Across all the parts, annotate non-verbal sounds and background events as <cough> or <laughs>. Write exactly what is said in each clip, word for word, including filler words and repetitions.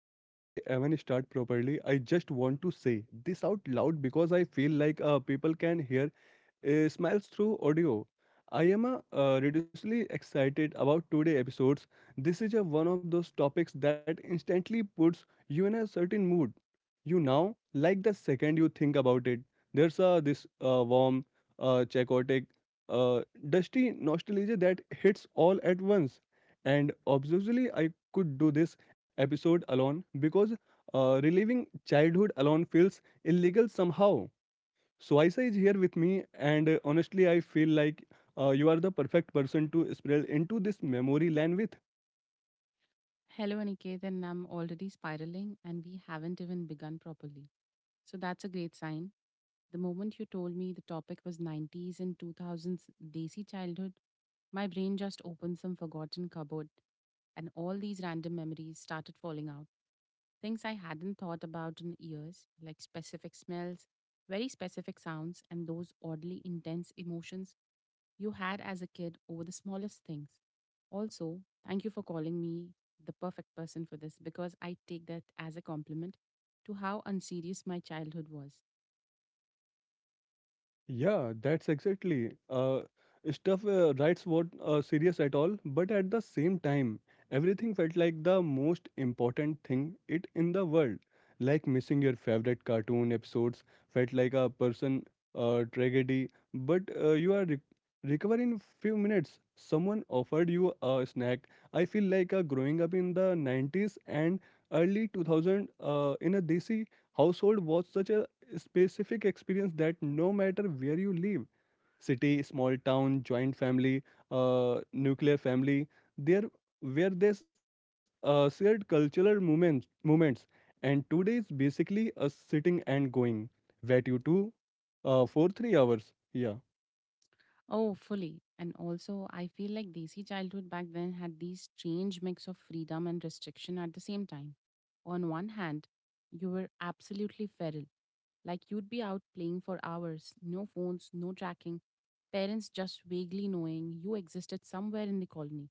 before we even start properly, I just want to say this out loud because I feel like uh, people can hear uh, Smiles Through Audio. I am uh, uh, ridiculously excited about today episodes. This is a one of those topics that instantly puts you in a certain mood. You now like the second you think about it. There's uh, this uh, warm, uh, chaotic, uh, dusty nostalgia that hits all at once. And obviously, I could do this episode alone because uh, reliving childhood alone feels illegal somehow. So Aisa is here with me, and uh, honestly, I feel like uh, you are the perfect person to spread into this memory lane with. Hello, Aniket, and I'm already spiraling, and we haven't even begun properly. So that's a great sign. The moment you told me the topic was nineties and two thousands Desi childhood, my brain just opened some forgotten cupboard, and all these random memories started falling out. Things I hadn't thought about in years, like specific smells, very specific sounds, and those oddly intense emotions you had as a kid over the smallest things. Also, thank you for calling me the perfect person for this because I take that as a compliment to how unserious my childhood was. Yeah, that's exactly. Uh, stuff uh, writes weren't uh, serious at all, but at the same time, everything felt like the most important thing it in the world. Like missing your favorite cartoon episodes felt like a person uh, tragedy, but uh, you are re- recovering in few minutes. Someone offered you a snack. I feel like uh, growing up in the nineties and early two thousand uh, in a desi household was such a specific experience that no matter where you live, city, small town, joint family, uh, nuclear family, there where there's uh, shared cultural moments moments and today is basically a sitting and going where you do uh, for three hours, yeah. Oh, fully. And also, I feel like Desi childhood back then had these strange mix of freedom and restriction at the same time. On one hand, you were absolutely feral. Like you'd be out playing for hours, no phones, no tracking, parents just vaguely knowing you existed somewhere in the colony.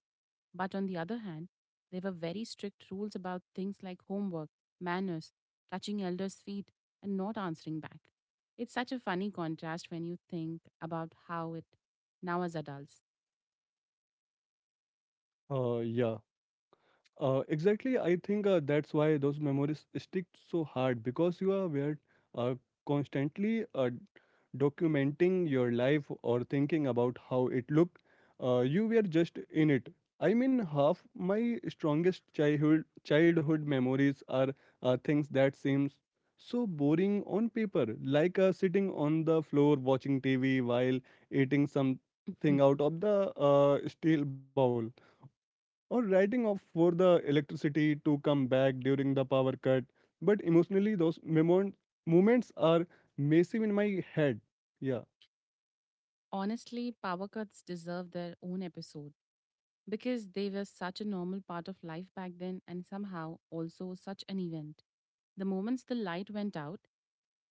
But on the other hand, there were very strict rules about things like homework, manners, touching elders' feet, and not answering back. It's such a funny contrast when you think about how it now as adults. Uh, yeah. Uh, exactly, I think uh, that's why those memories stick so hard because you are were, uh, constantly uh, documenting your life or thinking about how it looked. Uh, you were just in it. I mean, half my strongest childhood childhood memories are uh, things that seems so boring on paper, like uh, sitting on the floor watching T V while eating something <laughs> out of the uh, steel bowl or writing off for the electricity to come back during the power cut. But emotionally, those memon- moments are massive in my head. Yeah, Honestly, power cuts deserve their own episode because they were such a normal part of life back then and somehow also such an event. The moments the light went out,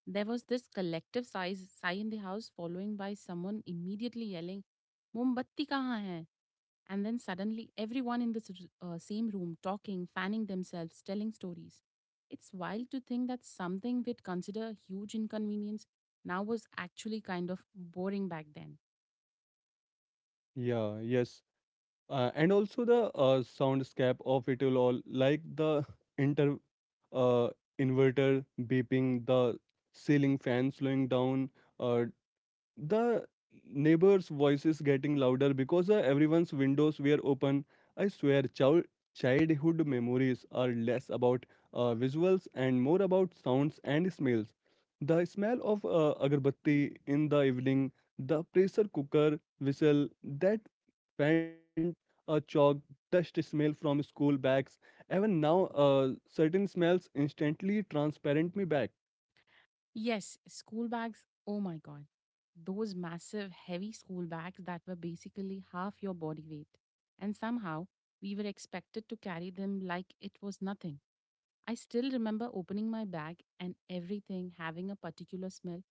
there was this collective sigh, sigh in the house, following by someone immediately yelling, Mombatti kahan hai? And then suddenly, everyone in this r- uh, same room talking, fanning themselves, telling stories. It's wild to think that something we'd consider a huge inconvenience now was actually kind of boring back then. yeah, yes. Uh, and also the uh, soundscape of it will all, like the inter uh, inverter beeping, the ceiling fan slowing down, uh, The neighbors' voices getting louder because uh, everyone's windows were open. I swear, child childhood memories are less about uh, visuals and more about sounds and smells. The smell of uh, agarbatti in the evening, the pressure cooker whistle, that faint uh, chalk dust smell from school bags. Even now, uh, certain smells instantly transparent me back. Yes, school bags. Oh my God. Those massive, heavy school bags that were basically half your body weight. And somehow we were expected to carry them like it was nothing. I still remember opening my bag and everything having a particular smell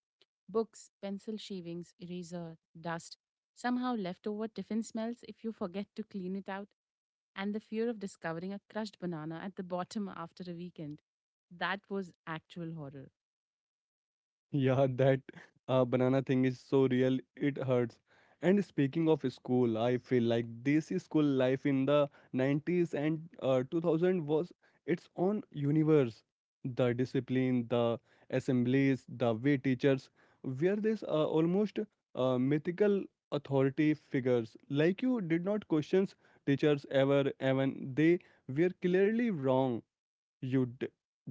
books, pencil shavings, eraser, dust, somehow leftover tiffin smells if you forget to clean it out, and the fear of discovering a crushed banana at the bottom <laughs> after a weekend. That was actual horror. Yeah, <laughs> that uh, banana thing is so real, it hurts. And speaking of school, I feel like this school life in the nineties and uh, two thousand was its own universe. The discipline, the assemblies, the way teachers were this uh, almost uh, mythical authority figures. Like you did not question teachers ever, even they were clearly wrong, you'd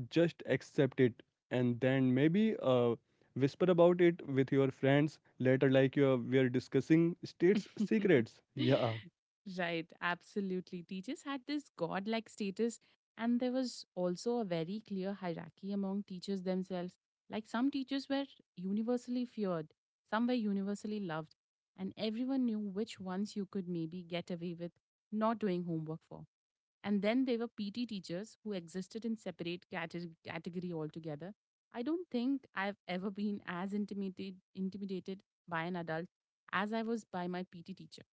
just accept it, and then maybe uh, whisper about it with your friends later, like you are- we are discussing state's <laughs> secrets. Yeah. Right, absolutely. Teachers had this godlike status, and there was also a very clear hierarchy among teachers themselves. Like some teachers were universally feared, some were universally loved, and everyone knew which ones you could maybe get away with not doing homework for. And then there were P T teachers who existed in separate cate- category altogether. I don't think I've ever been as intimidated intimidated by an adult as I was by my P T teacher.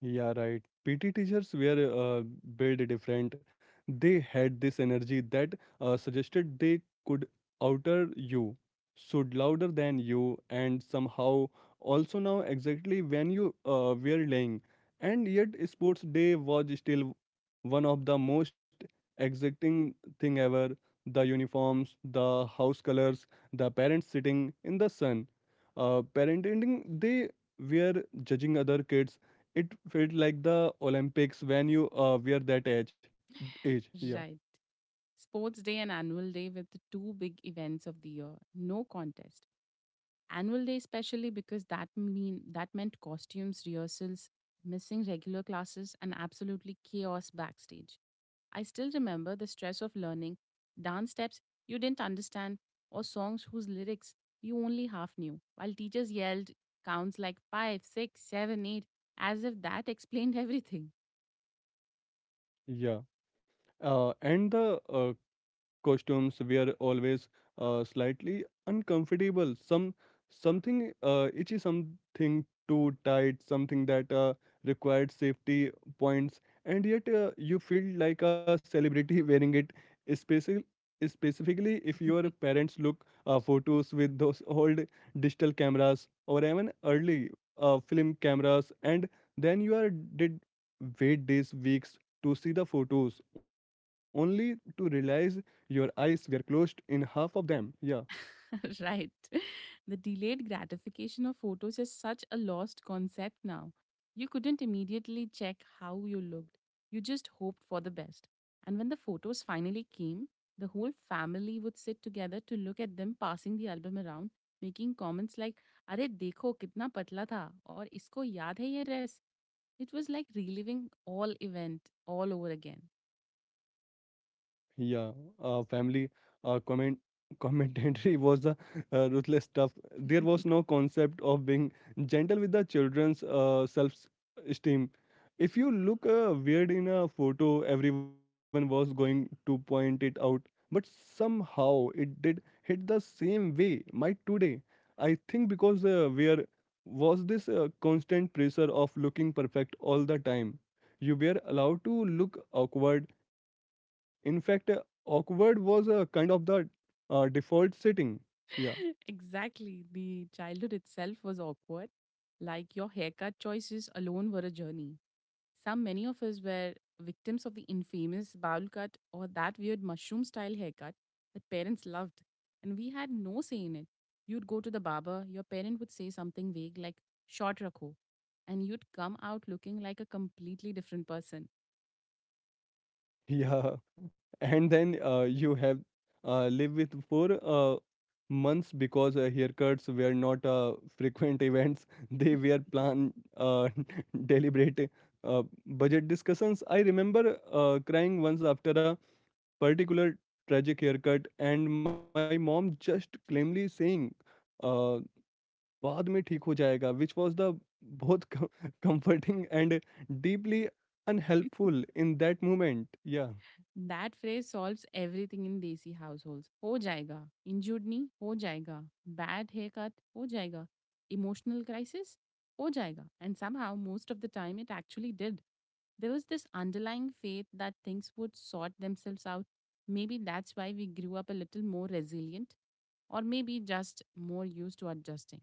Yeah, right. P T teachers were uh, built different. They had this energy that uh, suggested they could outer you, should louder than you, and somehow also know exactly when you uh, were laying. And yet, sports day was still one of the most exacting thing ever. The uniforms, the house colors, the parents sitting in the sun, uh, parenting. They were judging other kids, it felt like the Olympics when you uh, wear that age. Age, yeah, Right. Sports Day and Annual Day were the two big events of the year. No contest. Annual Day especially because that mean that meant costumes, rehearsals, missing regular classes, and absolutely chaos backstage. I still remember the stress of learning dance steps you didn't understand or songs whose lyrics you only half knew, while teachers yelled counts like five, six, seven, eight, as if that explained <laughs> everything. yeah. Uh, and the uh, costumes were always uh, slightly uncomfortable, some something uh, itchy, something too tight, something that uh, required safety points, and yet uh, you feel like a celebrity <laughs> wearing it, especially specifically if your parents look uh, photos with those old digital cameras or even early uh, film cameras, and then you are did wait days, weeks to see the photos only to realize your eyes were closed in half of them. Yeah. <laughs> Right. The delayed gratification of photos is such a lost concept now. You couldn't immediately check how you looked, you just hoped for the best. And when the photos finally came, the whole family would sit together to look at them passing the album around, making comments like, अरे देखो कितना पतला था और इसको याद है ये dress." It was like reliving all event all over again. Yeah, uh, family uh, comment commentary <laughs> was the uh, ruthless stuff. There was no concept of being gentle with the children's uh, self-esteem. If you look uh, weird in a photo, everyone was going to point it out. But somehow it did hit the same way. My today, I think because uh, where was this uh, constant pressure of looking perfect all the time? You were allowed to look awkward. In fact, awkward was a kind of the uh, default setting. Yeah, <laughs> Exactly. The childhood itself was awkward. Like your haircut choices alone were a journey. Some many of us were victims of the infamous bowl cut or that weird mushroom style haircut that parents loved, and we had no say in it. You'd go to the barber, your parent would say something vague like "short rakho," and you'd come out looking like a completely different person. <laughs> yeah. And then uh, you have uh, live with for uh, months because uh, haircuts were not uh, frequent events. <laughs> They were planned, <laughs> uh, <laughs> deliberate uh, budget discussions. I remember uh, crying once after a particular tragic haircut, and my mom just calmly saying, uh, बाद में ठीक हो जाएगा which was the बहुत comforting and deeply unhelpful in that moment yeah That phrase solves everything in desi households. Ho jayega. Injured knee, ho jayega. Bad haircut, ho jayega. Emotional crisis, ho jayega. And somehow, most of the time, it actually did. There was this underlying faith that things would sort themselves out. Maybe that's why we grew up a little more resilient, or maybe just more used to adjusting.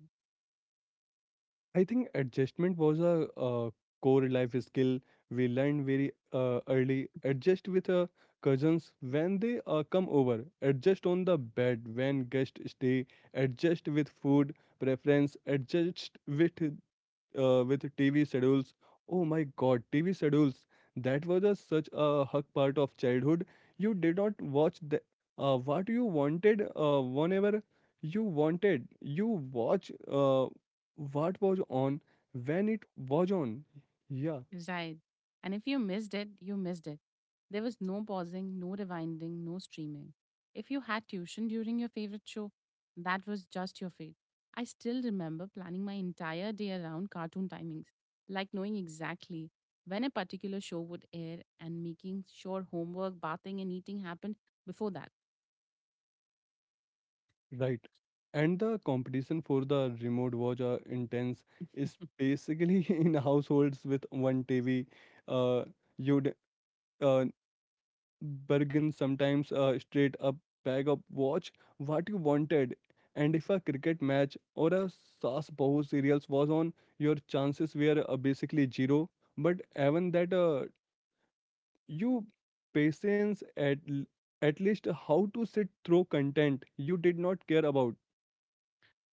I think adjustment was a core life skill we learn very early adjust with <laughs> cousins when they uh, come over, adjust on the bed when guests stay, adjust with food preference, adjust with uh, with T V schedules. Oh my god, T V schedules. That was a, such a hug part of childhood. You did not watch the, uh, what you wanted uh, whenever you wanted. You watch uh, what was on when it was on. Yeah, Right. And if you missed it, you missed it. There was no pausing, no rewinding, no streaming. If you had tuition during your favorite show, that was just your fate. I still remember planning my entire day around cartoon timings, like knowing exactly when a particular show would air and making sure homework, bathing, and eating happened before that. right. And the competition for the remote was uh, intense. Is <laughs> basically <laughs> in households with one T V. Uh, You'd uh, Bergen sometimes a straight up bag of watch what you wanted, and if a cricket match or a Saas Bahu serials was on, your chances were uh, basically zero, but even that uh, you patience at l- at least how to sit through content you did not care about.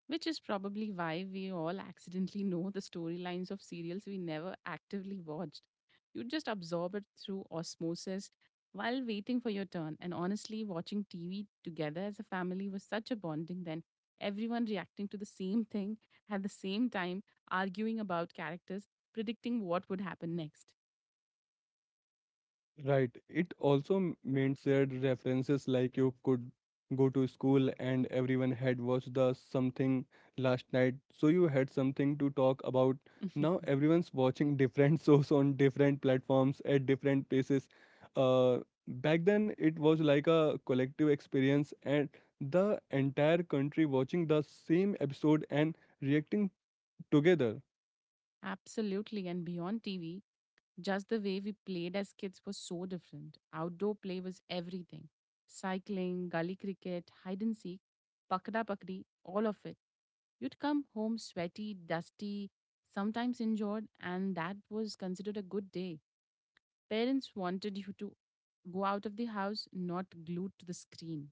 Which is probably why we all accidentally know the storylines of serials we never actively watched. You just absorb it through osmosis while waiting for your turn. And honestly, watching T V together as a family was such a bonding then. Everyone reacting to the same thing at the same time, arguing about characters, predicting what would happen next. Right. It also m- meant shared references, like you could go to school and everyone had watched the something last night, so you had something to talk about. Now <laughs> everyone's watching <laughs> different shows on different platforms at different places. Uh, Back then it was like a collective experience and the entire country watching the same episode and reacting together. Absolutely. And beyond T V, just the way we played as kids was so different. Outdoor play was everything cycling, gully cricket, hide and seek, pakda pakdi, all of it. You'd come home sweaty, dusty, sometimes injured, and that was considered a good day. Parents wanted you to go out of the house, not glued to the screen.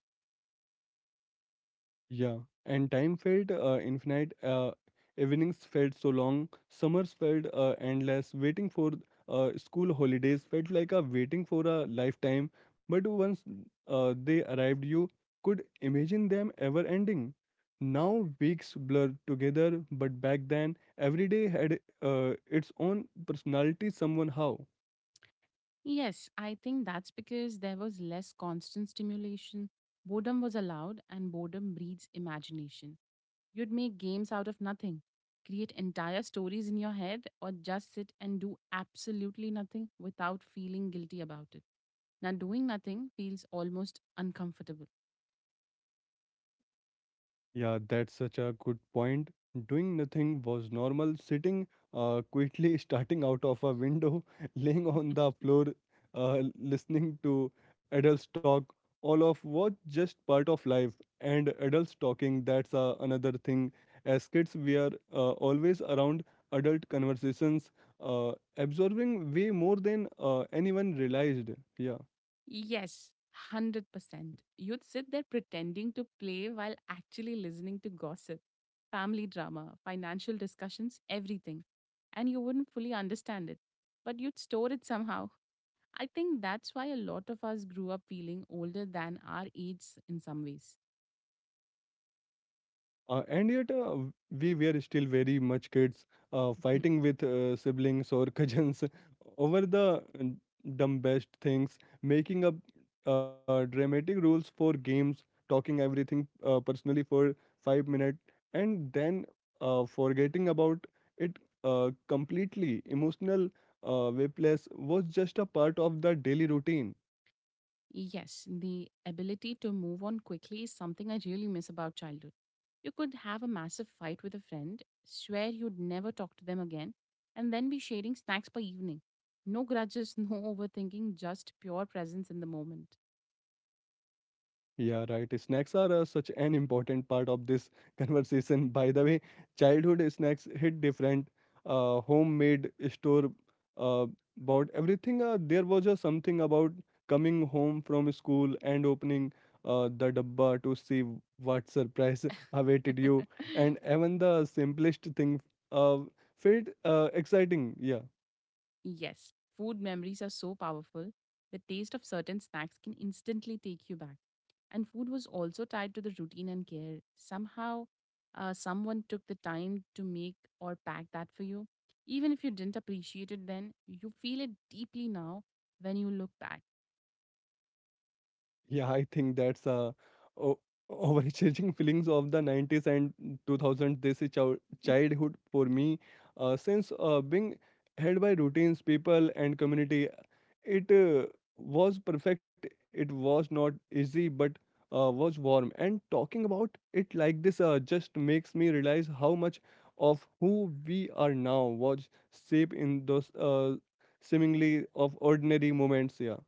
Yeah, and time felt uh, infinite. Uh, evenings felt so long. Summers felt uh, endless. Waiting for uh, school holidays felt like a waiting for a lifetime. But once uh, they arrived, you could imagine them ever ending. Now weeks blur together, but back then every day had uh, its own personality. Somehow. Yes, I think that's because there was less constant stimulation. Boredom was allowed, and boredom breeds imagination. You'd make games out of nothing, create entire stories in your head, or just sit and do absolutely nothing without feeling guilty about it. Now, doing nothing feels almost uncomfortable. Yeah, that's such a good point. Doing nothing was normal. Sitting uh, quietly, <laughs> starting out of a window, <laughs> laying on the floor, uh, listening to adults talk, all of what just part of life. And adults talking, that's uh, another thing. As kids, we are uh, always around adult conversations, uh, absorbing way more than uh, anyone realized. Yeah. Yes, one hundred percent. You'd sit there pretending to play while actually listening to gossip, family drama, financial discussions, everything. And you wouldn't fully understand it, but you'd store it somehow. I think that's why a lot of us grew up feeling older than our age in some ways. Uh, and yet, uh, we were still very much kids, uh, fighting with uh, siblings or <laughs> cousins over the dumbest things, making up uh, dramatic rules for games, talking everything uh, personally for five minutes, and then uh, forgetting about it uh, completely. Emotional uh, whiplash was just a part of the daily routine. Yes, the ability to move on quickly is something I really miss about childhood. You could have a massive fight with a friend, swear you'd never talk to them again, and then be sharing snacks by evening. No grudges, <laughs> no overthinking, just pure presence in the moment. Yeah, right. Snacks are uh, such an important part of this <laughs> conversation. By the way, childhood snacks hit different. Uh, homemade store uh, bought everything. Uh, there was just something about coming home from school and opening uh, the dabba to see what surprise <laughs> awaited you. And <laughs> even the simplest thing uh, felt uh, exciting. Yeah. Yes, food memories are so powerful. The taste of certain snacks can instantly take you back. And food was also tied to the routine and care. Somehow, uh, someone took the time to make or pack that for you. Even if you didn't appreciate it then, you feel it deeply now when you look back. Yeah, I think that's uh, o- overcharging feelings of the nineties and two thousand. This is chil- Mhm. childhood for me. Uh, since uh, being held by routines, people, and community, it uh, was perfect. It was not easy, but uh, was warm. And talking about it like this uh, just makes me realize how much of who we are now was shaped in those uh, seemingly of ordinary moments. Yeah.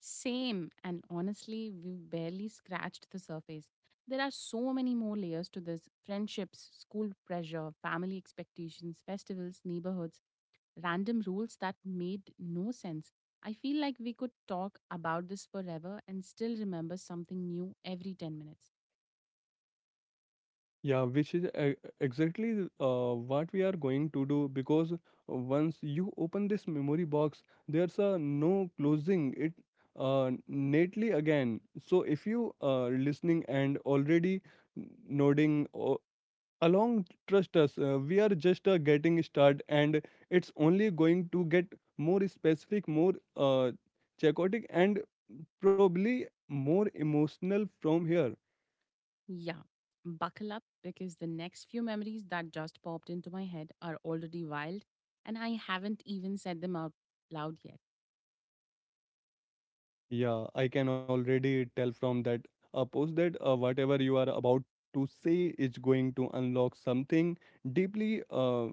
Same, and honestly, we've barely scratched the surface. There are so many more layers to this friendships, school pressure, family expectations, festivals, neighborhoods, random rules that made no sense. I feel like we could talk about this forever and still remember something new every ten minutes. Yeah, which is e- exactly th- uh, what we are going to do because once you open this memory box, there's a no closing it uh, neatly again. So if you are listening and already n- nodding o- along, trust us, uh, we are just uh, getting start, and it's only going to get more specific, more uh, chaotic, and probably more emotional from here. Yeah, buckle up because the next few memories that just popped into my head are already wild and I haven't even said them out loud yet. Yeah, I can already tell from that uh, post that uh, whatever you are about to say is going to unlock something deeply. Uh,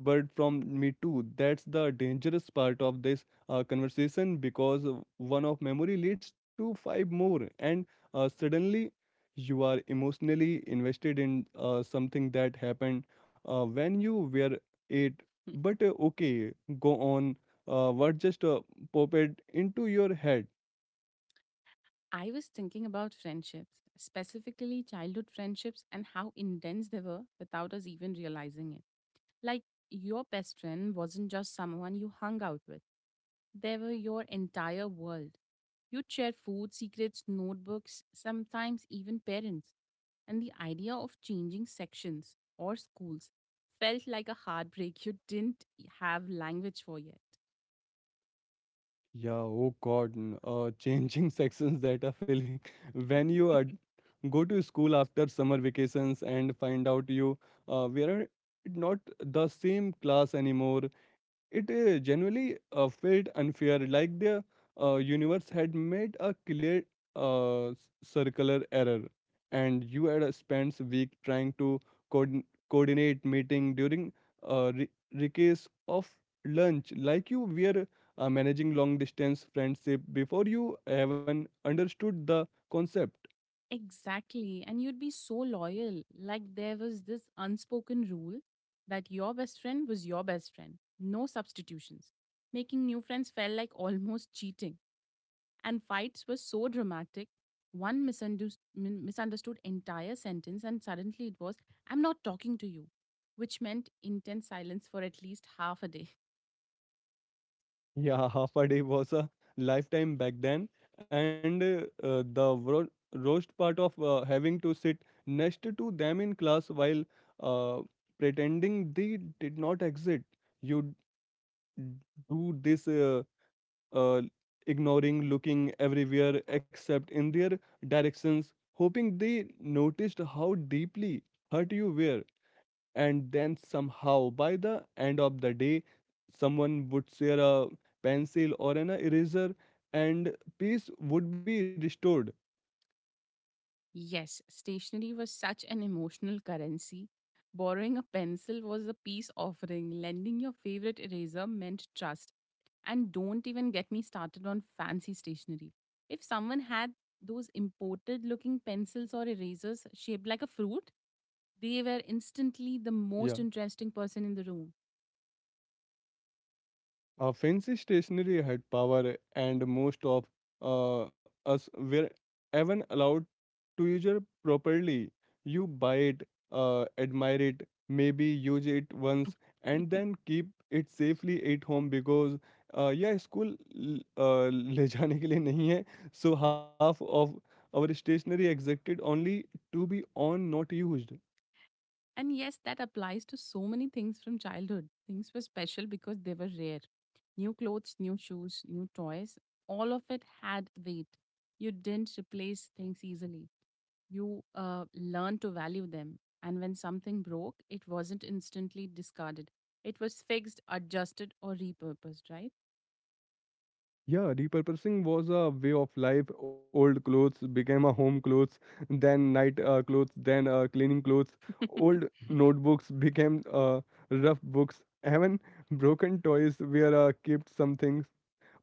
But from me too, that's the dangerous part of this uh, conversation because uh, one of memory leads to five more, and uh, suddenly you are emotionally invested in uh, something that happened uh, when you were eight. But <laughs> uh, okay, go on. Uh, what just uh, popped into your head? I was thinking about friendships, specifically childhood friendships, and how intense they were without us even realizing it. Like, your best friend wasn't just someone you hung out with, they were your entire world. You'd share food, secrets, notebooks, sometimes even parents. And the idea of changing sections or schools felt like a heartbreak you didn't have language for yet. Yeah, oh God, n- uh, changing <laughs> sections that are filling. <laughs> When you are, go to school after summer vacations and find out you uh, we are not the same class anymore. It uh, genuinely uh, felt unfair, like the uh, universe had made a clear uh, s- circular error, and you had uh, spent a week trying to coordin coordinate meeting during uh, re- recess of lunch, like you were uh, managing long distance friendship before you even understood the concept. Exactly. And you'd be so loyal. Like there was this unspoken rule that your best friend was your best friend, no substitutions. Making new friends felt like almost cheating. And fights were so dramatic. One misunderstood, misunderstood entire sentence, and suddenly it was, I'm not talking to you, which meant intense silence for at least half a day. Yeah, <laughs> half a day was a lifetime back then, and uh, uh, the ro roast part of uh, having to sit next to them in class while uh, pretending they did not exist. You d- do this uh, uh, ignoring, looking everywhere except in their directions, hoping they noticed how deeply hurt you were, and then somehow by the end of the day someone would share a pencil or an eraser and peace would be restored. Yes, stationery was such an emotional currency. Borrowing a pencil was a peace offering. Lending your favorite eraser meant trust. And don't even get me started on fancy stationery. If someone had those imported looking pencils or erasers shaped like a fruit, they were instantly the Yeah. most interesting person in the room. Uh, fancy stationery had power, and most of uh, us were even allowed to use it properly. You buy it, uh, admire it, maybe use it once, and then <laughs> keep it safely at home because uh, यह school uh, <laughs> ले जाने के लिए नहीं है, so half of our stationery existed only to be on not used. And yes, that applies to so many things from childhood. Things were special because they were rare. New clothes, new shoes, new toys, all of it had weight. You didn't replace things easily. You uh, learned to value them. And when something broke, it wasn't instantly discarded, it was fixed, adjusted, or repurposed, right? Yeah, repurposing was a way of life. Old clothes became a home clothes, then night uh, clothes, then uh, cleaning clothes. Old <laughs> notebooks became uh, rough books. Even broken toys were uh, kept some things.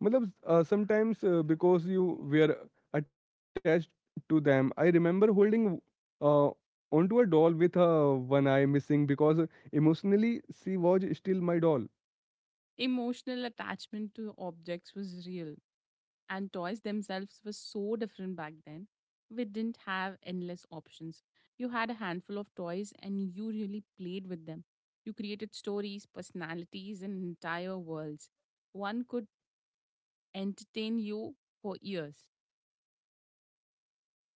Matlab, uh, sometimes uh, because you were attached to them. I remember holding uh, onto a doll with uh, one eye missing because emotionally she was still my doll. Emotional attachment to objects was real. And toys themselves were so different back then. We didn't have endless options. You had a handful of toys and you really played with them. You created stories, personalities, and entire worlds. One could entertain you for years.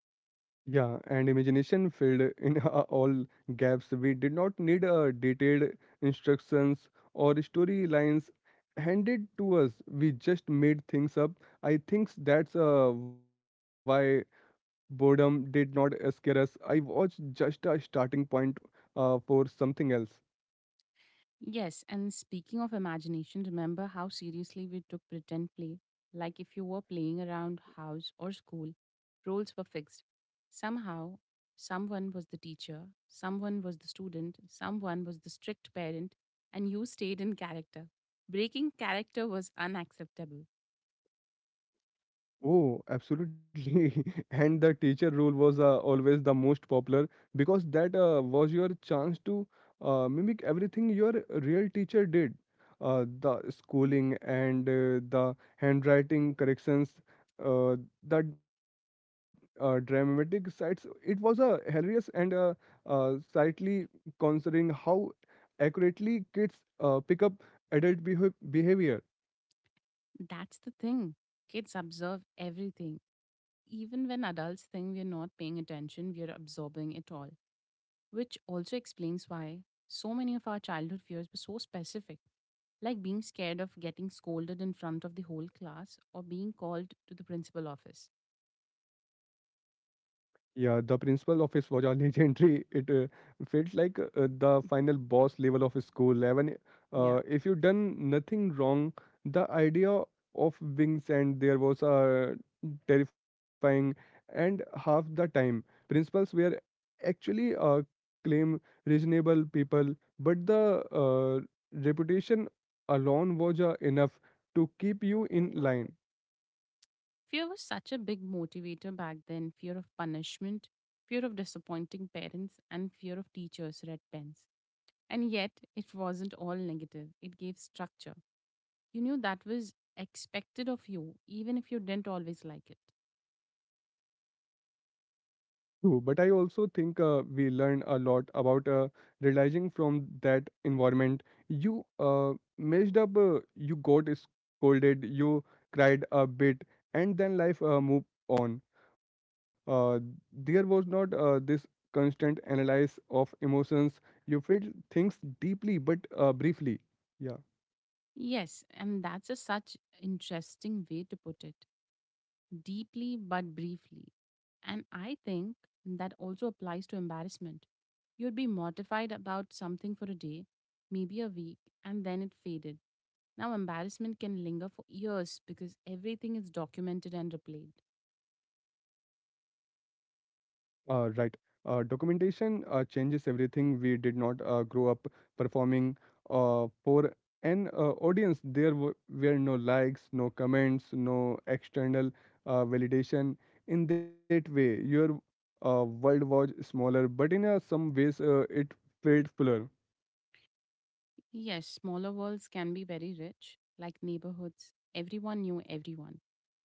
Yeah, and imagination filled in <laughs> uh, all gaps. We did not need uh, detailed instructions or storylines handed to us. We just made things up. I think that's uh, why boredom did not uh, scare us. I was just a starting point uh, for something else. Yes, and speaking of imagination, remember how seriously we took pretend play? Like if you were playing around house or school, roles were fixed. Somehow, someone was the teacher, someone was the student, someone was the strict parent, and you stayed in character. Breaking character was unacceptable. Oh, absolutely. <laughs> And the teacher role was uh, always the most popular because that uh, was your chance to uh, mimic everything your real teacher did. Uh, the schooling and uh, the handwriting corrections, uh, the uh, dramatic sides. It was uh, hilarious and uh, uh, slightly, considering how accurately kids uh, pick up adult behav- behavior. That's the thing. Kids observe everything. Even when adults think we're not paying attention, we're absorbing it all. Which also explains why so many of our childhood fears were so specific, like being scared of getting scolded in front of the whole class or being called to the principal office. Yeah, the principal office was a <laughs> legendary. It uh, felt like uh, the final boss level of a school. Even Yeah. uh, if you done nothing wrong, the idea of wings and there was uh, terrifying. And half the time, principals were actually uh, claim reasonable people, but the uh, reputation alone was uh, enough to keep you in line. Fear was such a big motivator back then fear of punishment, fear of disappointing parents, and fear of teachers' red pens. And yet, it wasn't all negative, it gave structure. You knew that was expected of you, even if you didn't always like it. True, but I also think uh, we learned a lot about uh, realizing from that environment. You uh, messed up, uh, you got scolded, you cried a bit, and then life uh, moved on. Uh, there was not uh, this constant analysis of emotions. You felt things deeply but uh, briefly. Yeah. Yes, and that's a such interesting way to put it. Deeply but briefly. And I think that also applies to embarrassment. You'd be mortified about something for a day, maybe a week, and then it faded. Now, embarrassment can linger for years because everything is documented and replayed. Uh, right. Uh, documentation uh, changes everything. We did not uh, grow up performing uh, for an uh, audience. There w- were no likes, no comments, no external uh, validation. In that way, your uh, world was smaller, but in uh, some ways, uh, it felt fuller. Yes, smaller worlds can be very rich, like neighborhoods. Everyone knew everyone.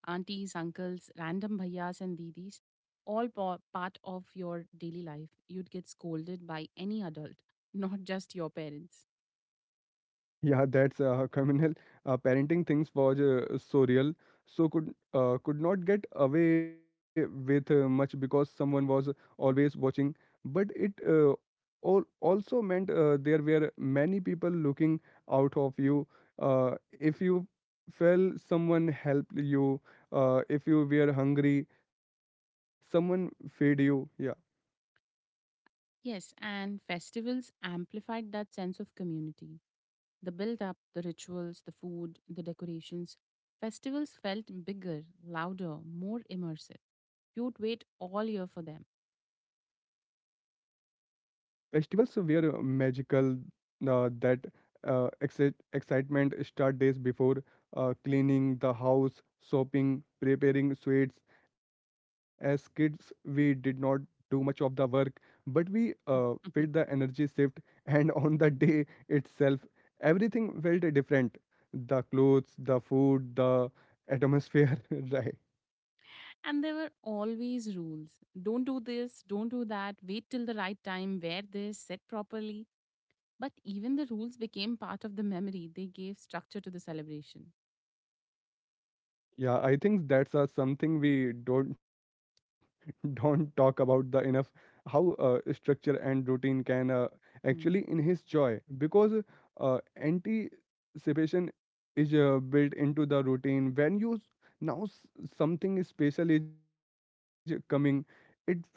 Aunties, uncles, random bhaiyas, and didis, all pa- part of your daily life. You'd get scolded by any adult, <laughs> not just your parents. Yeah, that's uh, <laughs> criminal. Uh, parenting things was uh, so real, so could uh, could not get away with uh, much because someone was always watching. But it uh, all also meant uh, there were many people looking out of you. Uh, if you fell, someone helped you. Uh, if you were hungry, someone fed you. Yeah. Yes, and festivals amplified that sense of community. The build up, the rituals, the food, the decorations. Festivals felt bigger, louder, more immersive. You'd wait all year for them. Festivals were uh, magical, uh, that uh, excite, excitement start days before uh, cleaning the house, shopping, preparing sweets. As kids, we did not do much of the work, but we uh, felt the <laughs> energy shift, and <laughs> on the day itself, everything felt different. The clothes, the food, the atmosphere, <laughs> right? And there were always rules don't do this, don't do that, wait till the right time, wear this, sit properly. But even the rules became part of the memory, they gave structure to the celebration. Yeah, I think that's uh, something we don't <laughs> don't talk about the enough, how uh, structure and routine can uh, actually Hmm. enhance joy, because uh, anticipation is uh, built into the routine. When you s- now s- something special is coming, it feels more special.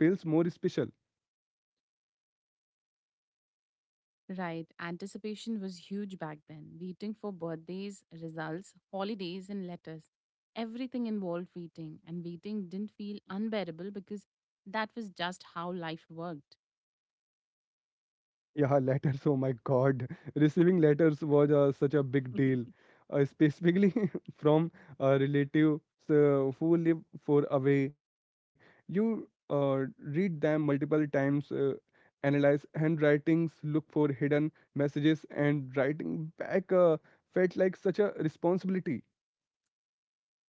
Right. Anticipation was huge back then. Waiting for birthdays, results, holidays, and letters. Everything involved waiting, and waiting didn't feel unbearable because that was just how life worked. Yeah, letters. Oh my God. <laughs> Receiving letters was uh, such a big deal, <laughs> uh, specifically <laughs> from uh, relatives uh, who live far away. You uh, read them multiple times, uh, analyze handwritings, look for hidden messages, and writing back uh, felt like such a responsibility.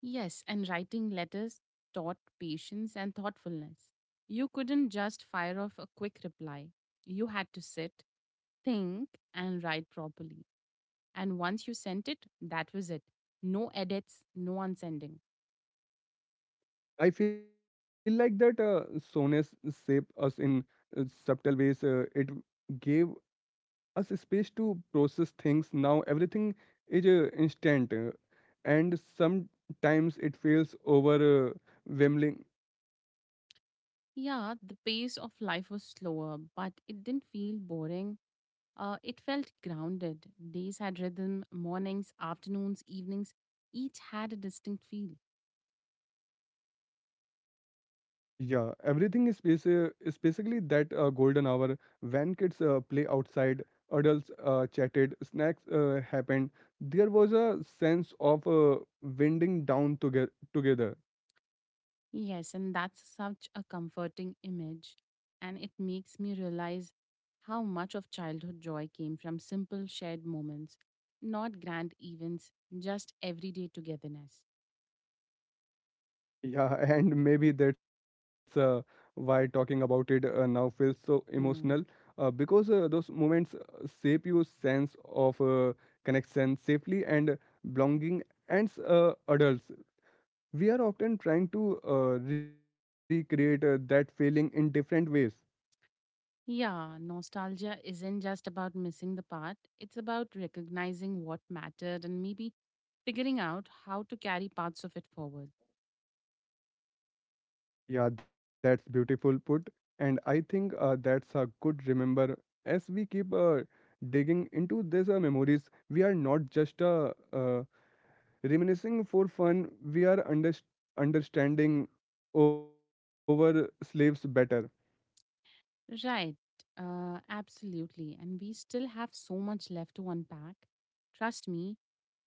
Yes, and writing letters taught patience and thoughtfulness. You couldn't just fire off a quick reply. You had to sit, think, and write properly. And once you sent it, that was it. No edits, no unsending. I feel like that uh, sonas shaped us in uh, subtle ways. Uh, it gave us space to process things. Now everything is uh, instant, uh, and sometimes it feels overwhelming. Yeah, the pace of life was slower, but it didn't feel boring. Uh, it felt grounded. Days had rhythm, mornings, afternoons, evenings, each had a distinct feel. Yeah, everything is, basi- is basically that uh, golden hour when kids uh, play outside, adults uh, chatted, snacks uh, happened. There was a sense of uh, winding down toge- together. Yes, and that's such a comforting image. And it makes me realize how much of childhood joy came from simple shared moments, not grand events, just everyday togetherness. Yeah, <laughs> and maybe that's uh, why talking about it uh, now feels so emotional, uh, Hmm. because uh, those moments uh, shape your sense of uh, connection, safely and belonging. And uh, adults, we are often trying to uh, recreate uh, that feeling in different ways. Yeah, nostalgia isn't just about missing the part, it's about recognizing what mattered and maybe figuring out how to carry parts of it forward. Yeah, that's beautiful put, and I think uh, that's a good remember, as we keep uh, digging into these uh, memories. We are not just uh, uh, reminiscing for fun, we are underst- understanding over slaves better. Right, uh, Absolutely. And we still have so much left to unpack. Trust me,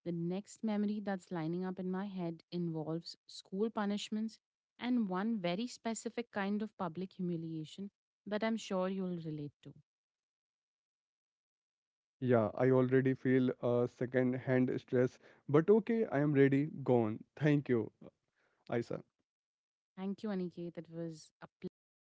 the next memory that's lining up in my head involves school punishments and one very specific kind of public humiliation that I'm sure you'll relate to. Yeah, I already feel a second hand stress, but okay, I am ready. Gone. Thank you, Aisa. Thank you, Aniket. It was a pleasure talking.